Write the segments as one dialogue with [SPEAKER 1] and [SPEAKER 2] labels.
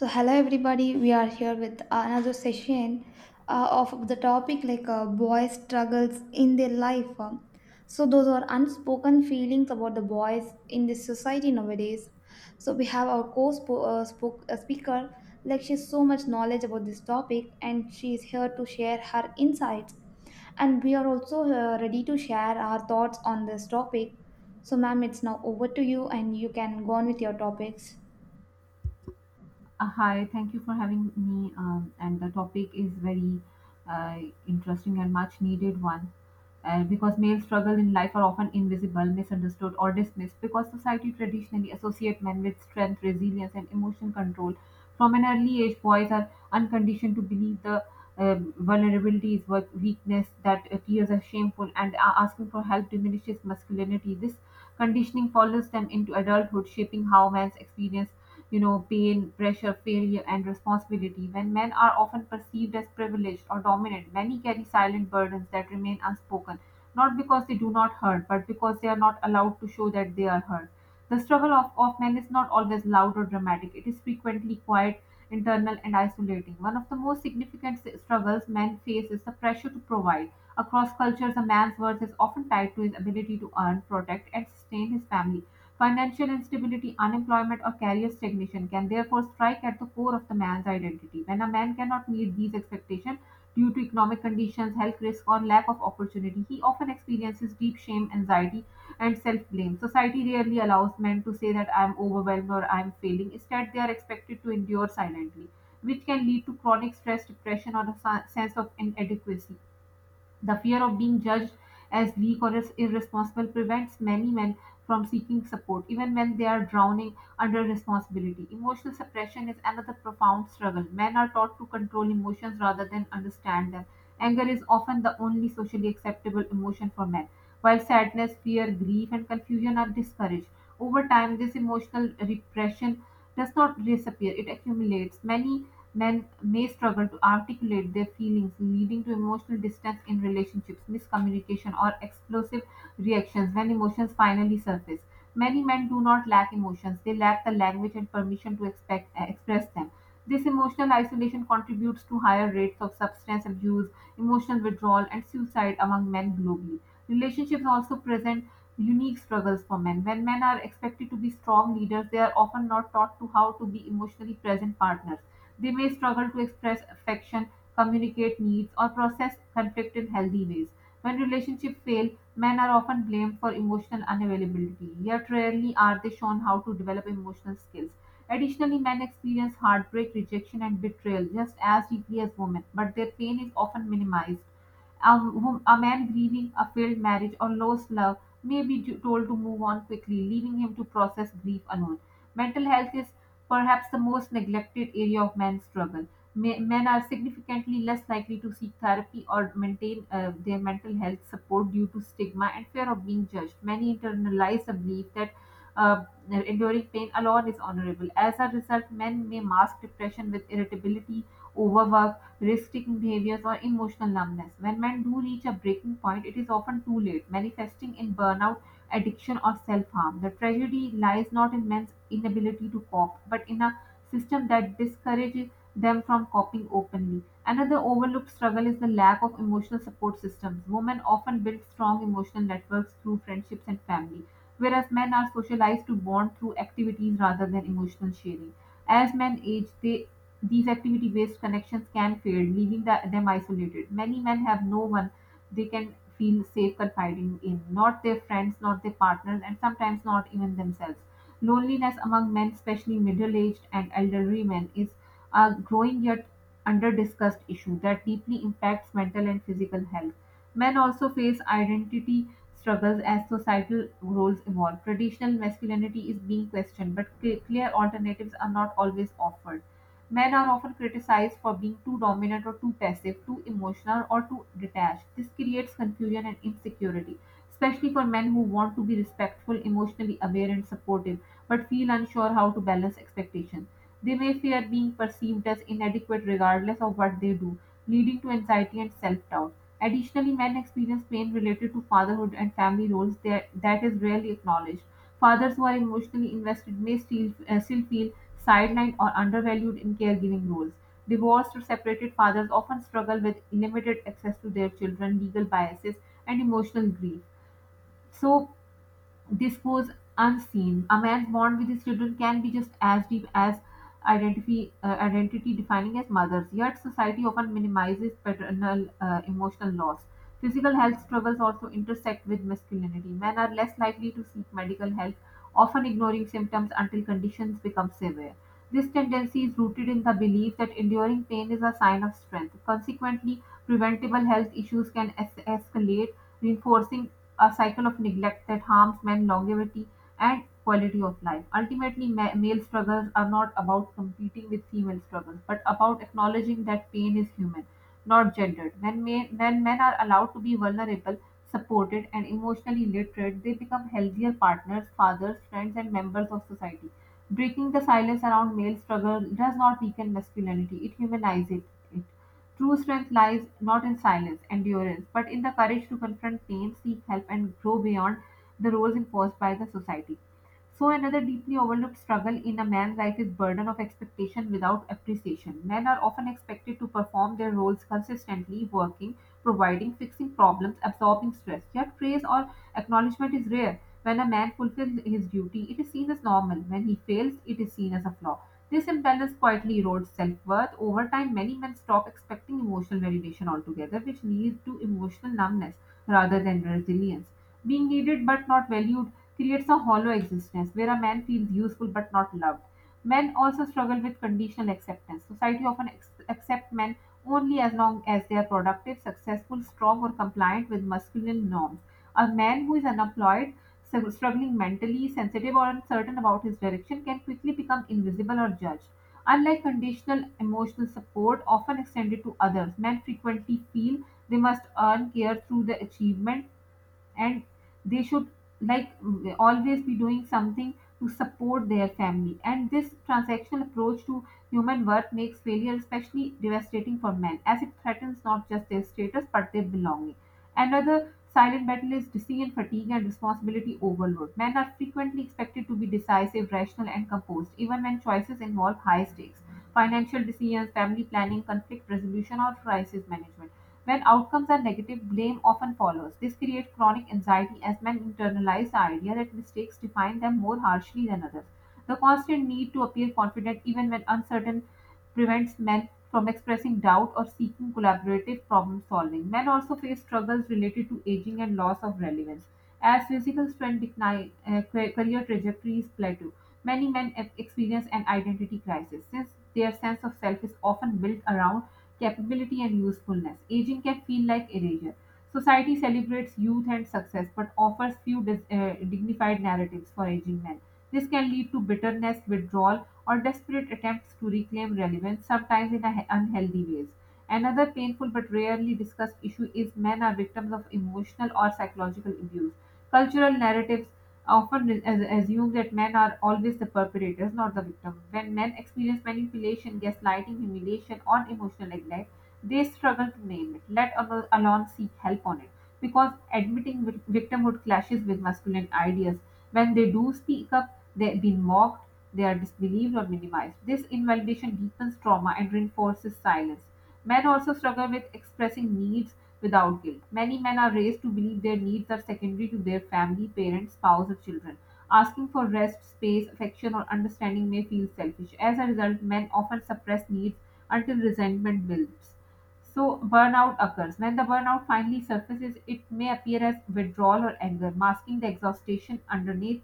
[SPEAKER 1] So hello everybody, we are here with another session of the topic like boys' struggles in their life. So those are unspoken feelings about the boys in this society nowadays. So we have our speaker, like she has so much knowledge about this topic, and she is here to share her insights. And we are also ready to share our thoughts on this topic. So, ma'am, it's now over to you, and you can go on with your topics.
[SPEAKER 2] Hi, thank you for having me. And the topic is very uh, interesting and much needed one. Because male struggle in life are often invisible, misunderstood, or dismissed because society traditionally associate men with strength, resilience, and emotion control. From an early age, boys are unconditioned to believe the vulnerability is weakness, that tears are shameful, and asking for help diminishes masculinity. This conditioning follows them into adulthood, shaping how men experience pain, pressure, failure, and responsibility. When men are often perceived as privileged or dominant, many carry silent burdens that remain unspoken, not because they do not hurt, but because they are not allowed to show that they are hurt. The struggle of men is not always loud or dramatic, it is frequently quiet, internal, and isolating. One of the most significant struggles men face is the pressure to provide. Across cultures, a man's worth is often tied to his ability to earn, protect, and sustain his family. Financial instability, unemployment, or career stagnation can therefore strike at the core of the man's identity. When a man cannot meet these expectations due to economic conditions, health risk, or lack of opportunity, he often experiences deep shame, anxiety, and self blame. Society rarely allows men to say that I am overwhelmed or I am failing. Instead, they are expected to endure silently, which can lead to chronic stress, depression, or a sense of inadequacy. The fear of being judged as weak or as irresponsible prevents many men from seeking support, even when they are drowning under responsibility. Emotional suppression is another profound struggle. Men are taught to control emotions rather than understand them. Anger is often the only socially acceptable emotion for men, while sadness, fear, grief, and confusion are discouraged. Over time, this emotional repression does not disappear, it accumulates. Many men may struggle to articulate their feelings, leading to emotional distance in relationships, miscommunication, or explosive reactions when emotions finally surface. Many men do not lack emotions, they lack the language and permission to expect, express them. This emotional isolation contributes to higher rates of substance abuse, emotional withdrawal, and suicide among men globally. Relationships also present unique struggles for men. When men are expected to be strong leaders, they are often not taught to how to be emotionally present partners, they may struggle to express affection, communicate needs, or process conflict in healthy ways. When relationships fail, men are often blamed for emotional unavailability, yet rarely are they shown how to develop emotional skills. Additionally, men experience heartbreak, rejection, and betrayal just as deeply as women, but their pain is often minimized. A man grieving a failed marriage or lost love may be told to move on quickly, leaving him to process grief alone. Mental health is perhaps the most neglected area of man's struggle. Men are significantly less likely to seek therapy or maintain their mental health support due to stigma and fear of being judged. Many internalize the belief that uh, enduring pain alone is honorable. As a result, men may mask depression with irritability, overwork, risk taking behaviors, or emotional numbness. When men do reach a breaking point, it is often too late, manifesting in burnout, addiction, or self harm. The tragedy lies not in men's inability to cope, but in a system that discourages them from coping openly. Another overlooked struggle is the lack of emotional support systems. Women often build strong emotional networks through friendships and family, whereas men are socialized to bond through activities rather than emotional sharing. As men age, they, these activity based connections can fade, leaving them isolated. Many men have no one they can feel safe confiding in, not their friends, not their partners, and sometimes not even themselves. Loneliness among men, especially middle aged and elderly men, is a growing yet under discussed issue that deeply impacts mental and physical health. Men also face identity struggles as societal roles evolve. Traditional masculinity is being questioned, but clear alternatives are not always offered. Men are often criticized for being too dominant or too passive, too emotional or too detached. This creates confusion and insecurity, especially for men who want to be respectful, emotionally aware, and supportive, but feel unsure how to balance expectations. They may fear being perceived as inadequate regardless of what they do, leading to anxiety and self doubt. Additionally, men experience pain related to fatherhood and family roles that is rarely acknowledged. Fathers who are emotionally invested may still feel sidelined or undervalued in caregiving roles. Divorced or separated fathers often struggle with limited access to their children, legal biases, and emotional grief. So this goes unseen. A man's bond with his children can be just as deep as identity defining as mothers. Yet society often minimizes paternal emotional loss. Physical health struggles also intersect with masculinity. Men are less likely to seek medical help, often ignoring symptoms until conditions become severe. This tendency is rooted in the belief that enduring pain is a sign of strength. Consequently, preventable health issues can escalate, reinforcing a cycle of neglect that harms men longevity and quality of life. Ultimately, male struggles are not about competing with female struggles but about acknowledging that pain is human, not gendered. When men are allowed to be vulnerable, supported and emotionally literate, they become healthier partners, fathers, friends and members of society. Breaking the silence around male struggle does not weaken masculinity, it humanizes it. True strength lies not in silence, endurance, but in the courage to confront pain, seek help, and grow beyond the roles imposed by the society. So another deeply overlooked struggle in a man's life is burden of expectation without appreciation. Men are often expected to perform their roles consistently, working, providing, fixing problems, absorbing stress. Yet praise or acknowledgement is rare. When a man fulfills his duty, it is seen as normal. When he fails, it is seen as a flaw. This imbalance quietly erodes self worth. Over time, many men stop expecting emotional validation altogether, which leads to emotional numbness rather than resilience. Being needed but not valued creates a hollow existence where a man feels useful but not loved. Men also struggle with conditional acceptance. Society often accepts men only as long as they are productive, successful, strong, or compliant with masculine norms. A man who is unemployed, so struggling mentally, sensitive, or uncertain about his direction can quickly become invisible or judged. Unlike conditional emotional support, often extended to others, men frequently feel they must earn care through their achievement, and they should, like always be doing something to support their family. And this transactional approach to human worth makes failure especially devastating for men as it threatens not just their status but their belonging. Another silent battle is decision fatigue and responsibility overload. Men are frequently expected to be decisive, rational and composed even when choices involve high stakes: financial decisions, family planning, conflict resolution or crisis management. When outcomes are negative, blame often follows. This creates chronic anxiety as men internalize the idea that mistakes define them more harshly than others. The constant need to appear confident even when uncertain prevents men from expressing doubt or seeking collaborative problem solving. Men also face struggles related to aging and loss of relevance. As physical strength decline, career trajectories plateau. Many men experience an identity crisis since their sense of self is often built around capability and usefulness. Aging can feel like erasure. Society celebrates youth and success but offers few dignified narratives for aging men. This can lead to bitterness, withdrawal, or desperate attempts to reclaim relevance, sometimes in unhealthy ways. Another painful but rarely discussed issue is men are victims of emotional or psychological abuse. Cultural narratives often assume that men are always the perpetrators, not the victim. When men experience manipulation, gaslighting, humiliation, or emotional neglect, they struggle to name it, let alone seek help on it, because admitting victimhood clashes with masculine ideas. When they do speak up, they have been mocked, they are disbelieved or minimized. This invalidation deepens trauma and reinforces silence. Men also struggle with expressing needs without guilt. Many men are raised to believe their needs are secondary to their family, parents, spouse, or children. Asking for rest, space, affection, or understanding may feel selfish. As a result, men often suppress needs until resentment builds. So burnout occurs. When the burnout finally surfaces, it may appear as withdrawal or anger, masking the exhaustion underneath.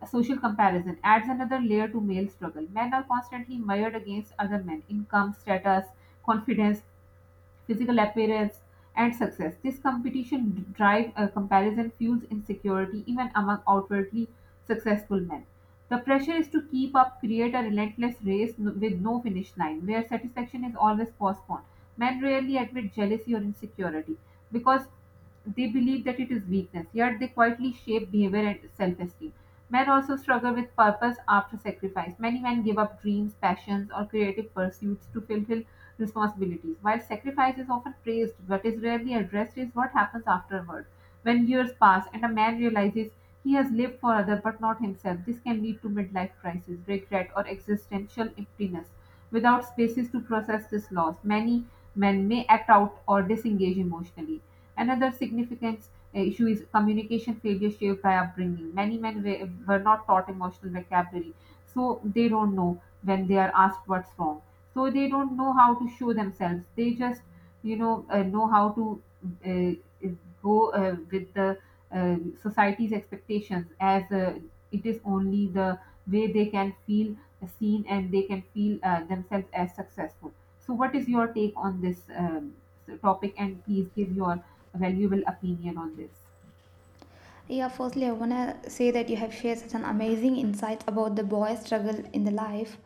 [SPEAKER 2] A social comparison adds another layer to male struggle. Men are constantly mired against other men: income, status, confidence, physical appearance, and success. This competition drive, comparison fuels insecurity even among outwardly successful men. The pressure is to keep up, create a relentless with no finish line, where satisfaction is always postponed. Men rarely admit jealousy or insecurity because they believe that it is weakness, yet they quietly shape behavior and self esteem. Men also struggle with purpose after sacrifice. Many men give up dreams, passions, or creative pursuits to fulfill responsibilities. While sacrifice is often praised, what is rarely addressed is what happens afterward. When years pass and a man realizes he has lived for others but not himself, this can lead to midlife crisis, regret, or existential emptiness. Without spaces to process this loss, many men may act out or disengage emotionally. Another significant issue is communication failure shaped by upbringing. Many men were not taught emotional vocabulary, so they don't know, when they are asked what's wrong, so they don't know how to show themselves, they just, know how to uh, go with the uh, society's expectations, as it is only the way they can feel seen and they can feel themselves as successful. So what is your take on this topic, and please give your valuable opinion on this.
[SPEAKER 1] Yeah, firstly, I want to say that you have shared such an amazing insights about the boy struggle in the life.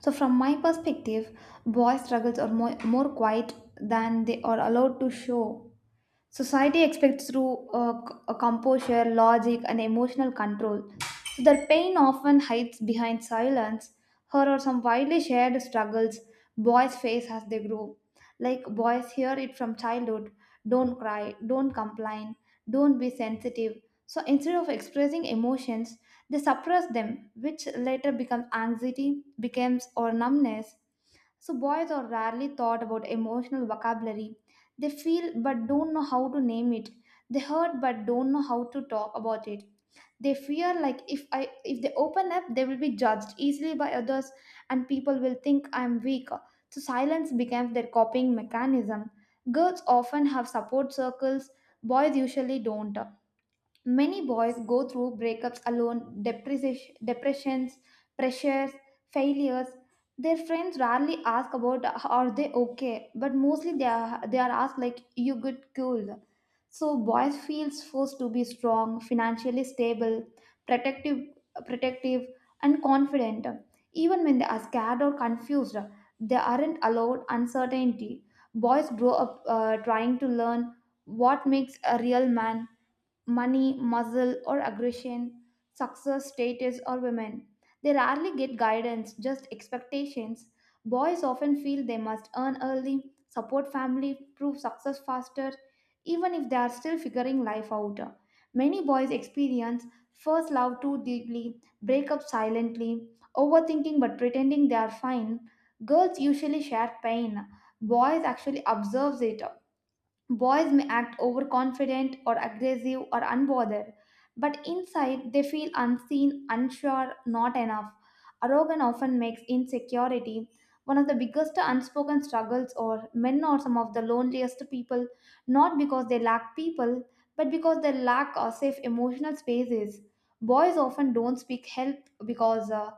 [SPEAKER 1] So, from my perspective, boy struggles are more quiet than they are allowed to show. Society expects through a composure, logic, and emotional control. So their pain often hides behind silence. Here are some widely shared struggles boys face as they grow. Like boys hear it from childhood: don't cry, don't complain, don't be sensitive. So instead of expressing emotions, they suppress them, which later becomes anxiety, becomes or numbness. So, boys are rarely taught about emotional vocabulary. They feel but don't know how to name it. They hurt but don't know how to talk about it. They fear like if they open up, they will be judged easily by others and people will think I'm weak. So silence becomes their coping mechanism. Girls often have support circles, boys usually don't. Many boys go through breakups alone, depressions, pressures, failures. Their friends rarely ask about are they okay, but mostly they are asked like, you good, cool? So boys feels forced to be strong, financially stable, protective, protective, and confident. Even when they are scared or confused, they aren't allowed uncertainty. Boys grow up trying to learn what makes a real man: money, muscle, or aggression, success, status, or women. They rarely get guidance, just expectations. Boys often feel they must earn early, support family, prove success faster, even if they are still figuring life out. Many boys experience first love too deeply, break up silently, overthinking but pretending they are fine. Girls usually share pain. Boys actually observes it. Boys may act overconfident or aggressive or unbothered, but inside they feel unseen, unsure, not enough. Arrogance often makes insecurity one of the biggest unspoken struggles, or men are some of the loneliest people, not because they lack people, but because they lack safe emotional spaces. Boys often don't speak help because uh,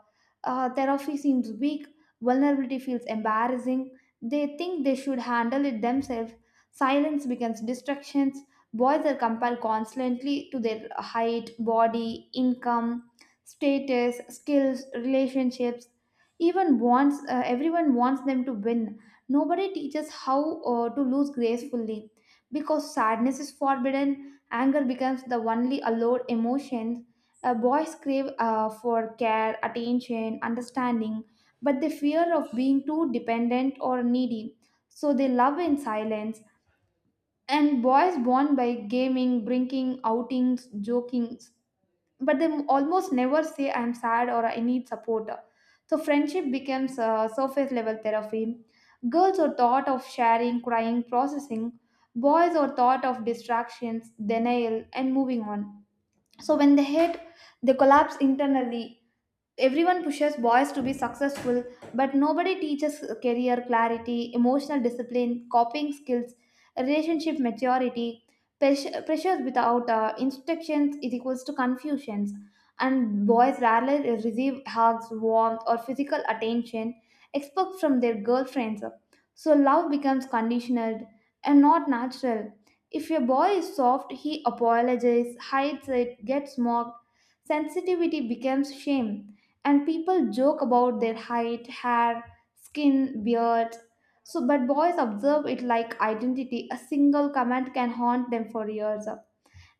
[SPEAKER 1] uh, therapy seems weak, vulnerability feels embarrassing, they think they should handle it themselves. Silence becomes distractions. Boys are compared constantly to their height, body, income, status, skills, relationships. Even wants Everyone wants them to win. Nobody teaches how to lose gracefully because sadness is forbidden. Anger becomes the only allowed emotion. Boys crave for care, attention, understanding, but they fear of being too dependent or needy. So they love in silence, and boys born by gaming, drinking, outings, joking, but they almost never say I'm sad or I need support. So friendship becomes surface level therapy. Girls are thought of sharing, crying, processing, boys are thought of distractions, denial, and moving on. So when they hate, they collapse internally. Everyone pushes boys to be successful, but nobody teaches career clarity, emotional discipline, coping skills, relationship maturity. Pressures without instructions is equals to confusions. And boys rarely receive hugs, warmth, or physical attention except from their girlfriends, so love becomes conditional and not natural. If your boy is soft, he apologizes, hides it, gets mocked. Sensitivity becomes shame, and people joke about their height, hair, skin, beard. So, but boys observe it like identity. A single comment can haunt them for years.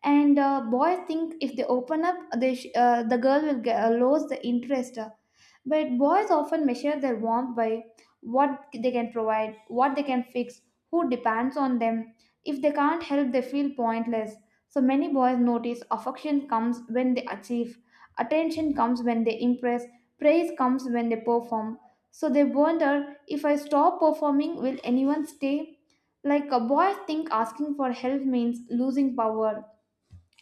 [SPEAKER 1] And boys think if they open up the girl will lose the interest uh, But boys often measure their warmth by what they can provide, what they can fix, who depends on them. If they can't help, they feel pointless. So many boys notice affection comes when they achieve, attention comes when they impress, praise comes when they perform. So they wonder, if I stop performing, will anyone stay? Like a boy think asking for help means losing power,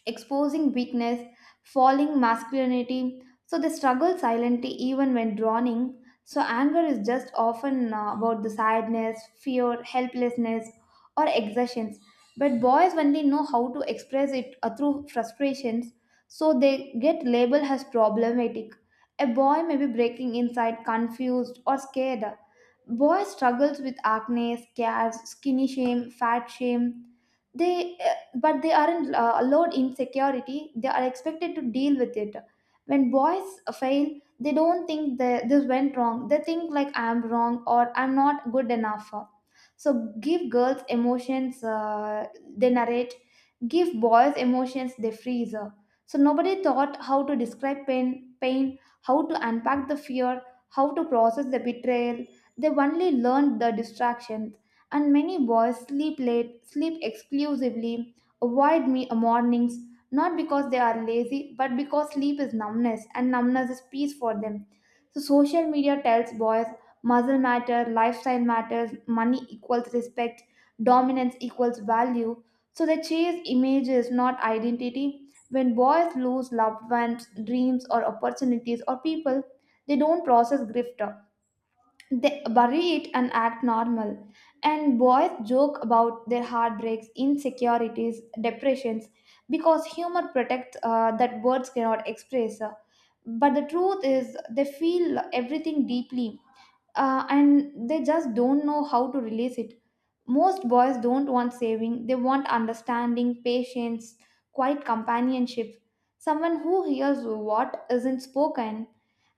[SPEAKER 1] exposing weakness, falling masculinity. So they struggle silently even when drowning. So anger is just often about the sadness, fear, helplessness, or exertions. But boys, when they know how to express it through frustrations, so they get labeled as problematic. A boy may be breaking inside, confused, or scared. Boy struggles with acne, scars, skinny shame, fat shame. They but they aren't allowed insecurity, they are expected to deal with it. When boys fail, they don't think that this went wrong, they think like I'm wrong or I'm not good enough. So give girls emotions, they narrate. Give boys emotions, they freeze. So nobody thought how to describe pain, how to unpack the fear, how to process the betrayal. They only learned the distractions. And many boys sleep late, sleep exclusively, avoid me mornings, not because they are lazy, but because sleep is numbness and numbness is peace for them. So social media tells boys muscle matter, lifestyle matters, money equals respect, dominance equals value. So they chase images, not identity. When boys lose loved ones, dreams, or opportunities, or people, they don't process grief, they bury it and act normal. And boys joke about their heartbreaks, insecurities, depressions, because humor protects that words cannot express. But the truth is, they feel everything deeply, and they just don't know how to release it. Most boys don't want saving, they want understanding, patience, quiet companionship, someone who hears what isn't spoken.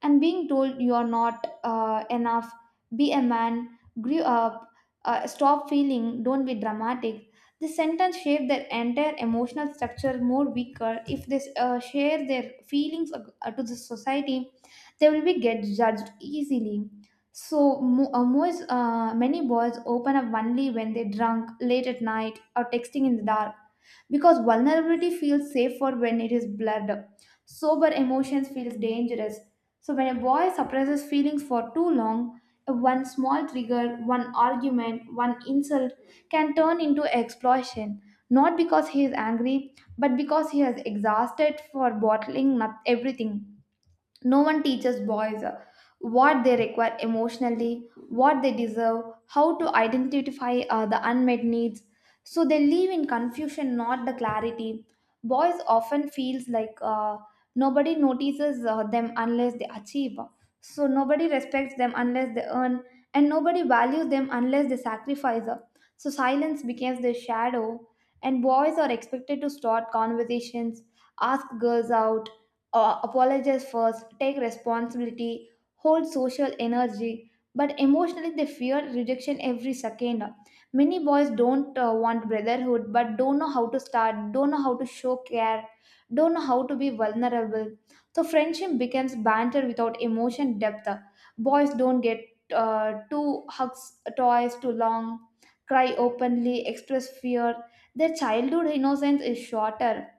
[SPEAKER 1] And being told you are not enough, be a man, grew up, stop feeling, don't be dramatic. This sentence shape their entire emotional structure more weaker. If they share their feelings to the society, they will be get judged easily. So many boys open up only when they drunk, late at night, or texting in the dark, because vulnerability feels safer when it is blurred. Sober emotions feels dangerous. So when a boy suppresses feelings for too long, one small trigger, one argument, one insult can turn into explosion. Not because he is angry, but because he is exhausted for bottling not everything. No one teaches boys what they require emotionally, what they deserve, how to identify the unmet needs. So they live in confusion, not the clarity. Boys often feels like nobody notices them unless they achieve. So nobody respects them unless they earn, and nobody values them unless they sacrifice. So silence becomes their shadow, and boys are expected to start conversations, ask girls out, apologize first, take responsibility, hold social energy. But emotionally, they fear rejection every second. Many boys don't want brotherhood, but don't know how to start, don't know how to show care, don't know how to be vulnerable. So, friendship becomes banter without emotion depth. Boys don't get two hugs, toys too long, cry openly, express fear. Their childhood innocence is shorter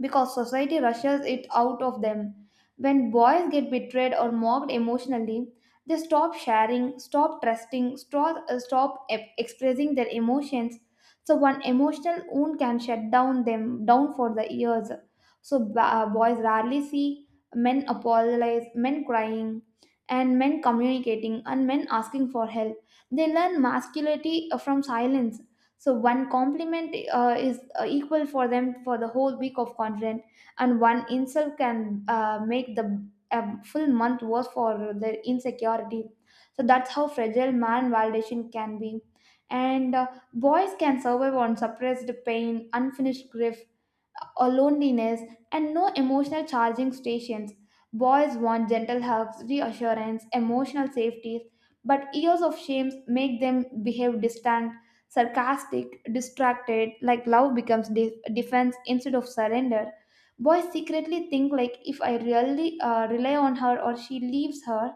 [SPEAKER 1] because society rushes it out of them. When boys get betrayed or mocked emotionally, they stop sharing, stop trusting, expressing their emotions. So one emotional wound can shut down them down for the years. So boys rarely see men apologize, men crying, and men communicating, and men asking for help. They learn masculinity from silence. So one compliment is equal for them for the whole week of content, and one insult can make the a full month worth for their insecurity. So that's how fragile man validation can be. And Boys can survive on suppressed pain, unfinished grief, or loneliness, and no emotional charging stations. Boys want gentle hugs, reassurance, emotional safety, but years of shame make them behave distant, sarcastic, distracted, like love becomes defense instead of surrender. Boys secretly think, like if I really rely on her or she leaves her,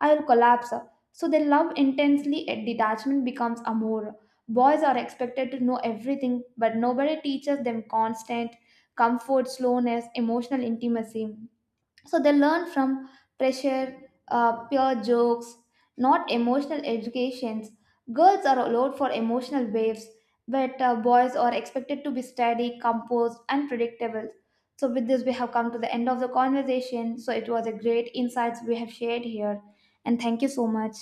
[SPEAKER 1] I'll collapse. So they love intensely, and detachment becomes amour. Boys are expected to know everything, but nobody teaches them constant, comfort, slowness, emotional intimacy. So they learn from pressure, pure jokes, not emotional educations. Girls are allowed for emotional waves, but boys are expected to be steady, composed, and predictable. So with this, we have come to the end of the conversation. So it was a great insights we have shared here, and thank you so much.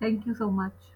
[SPEAKER 2] Thank you so much.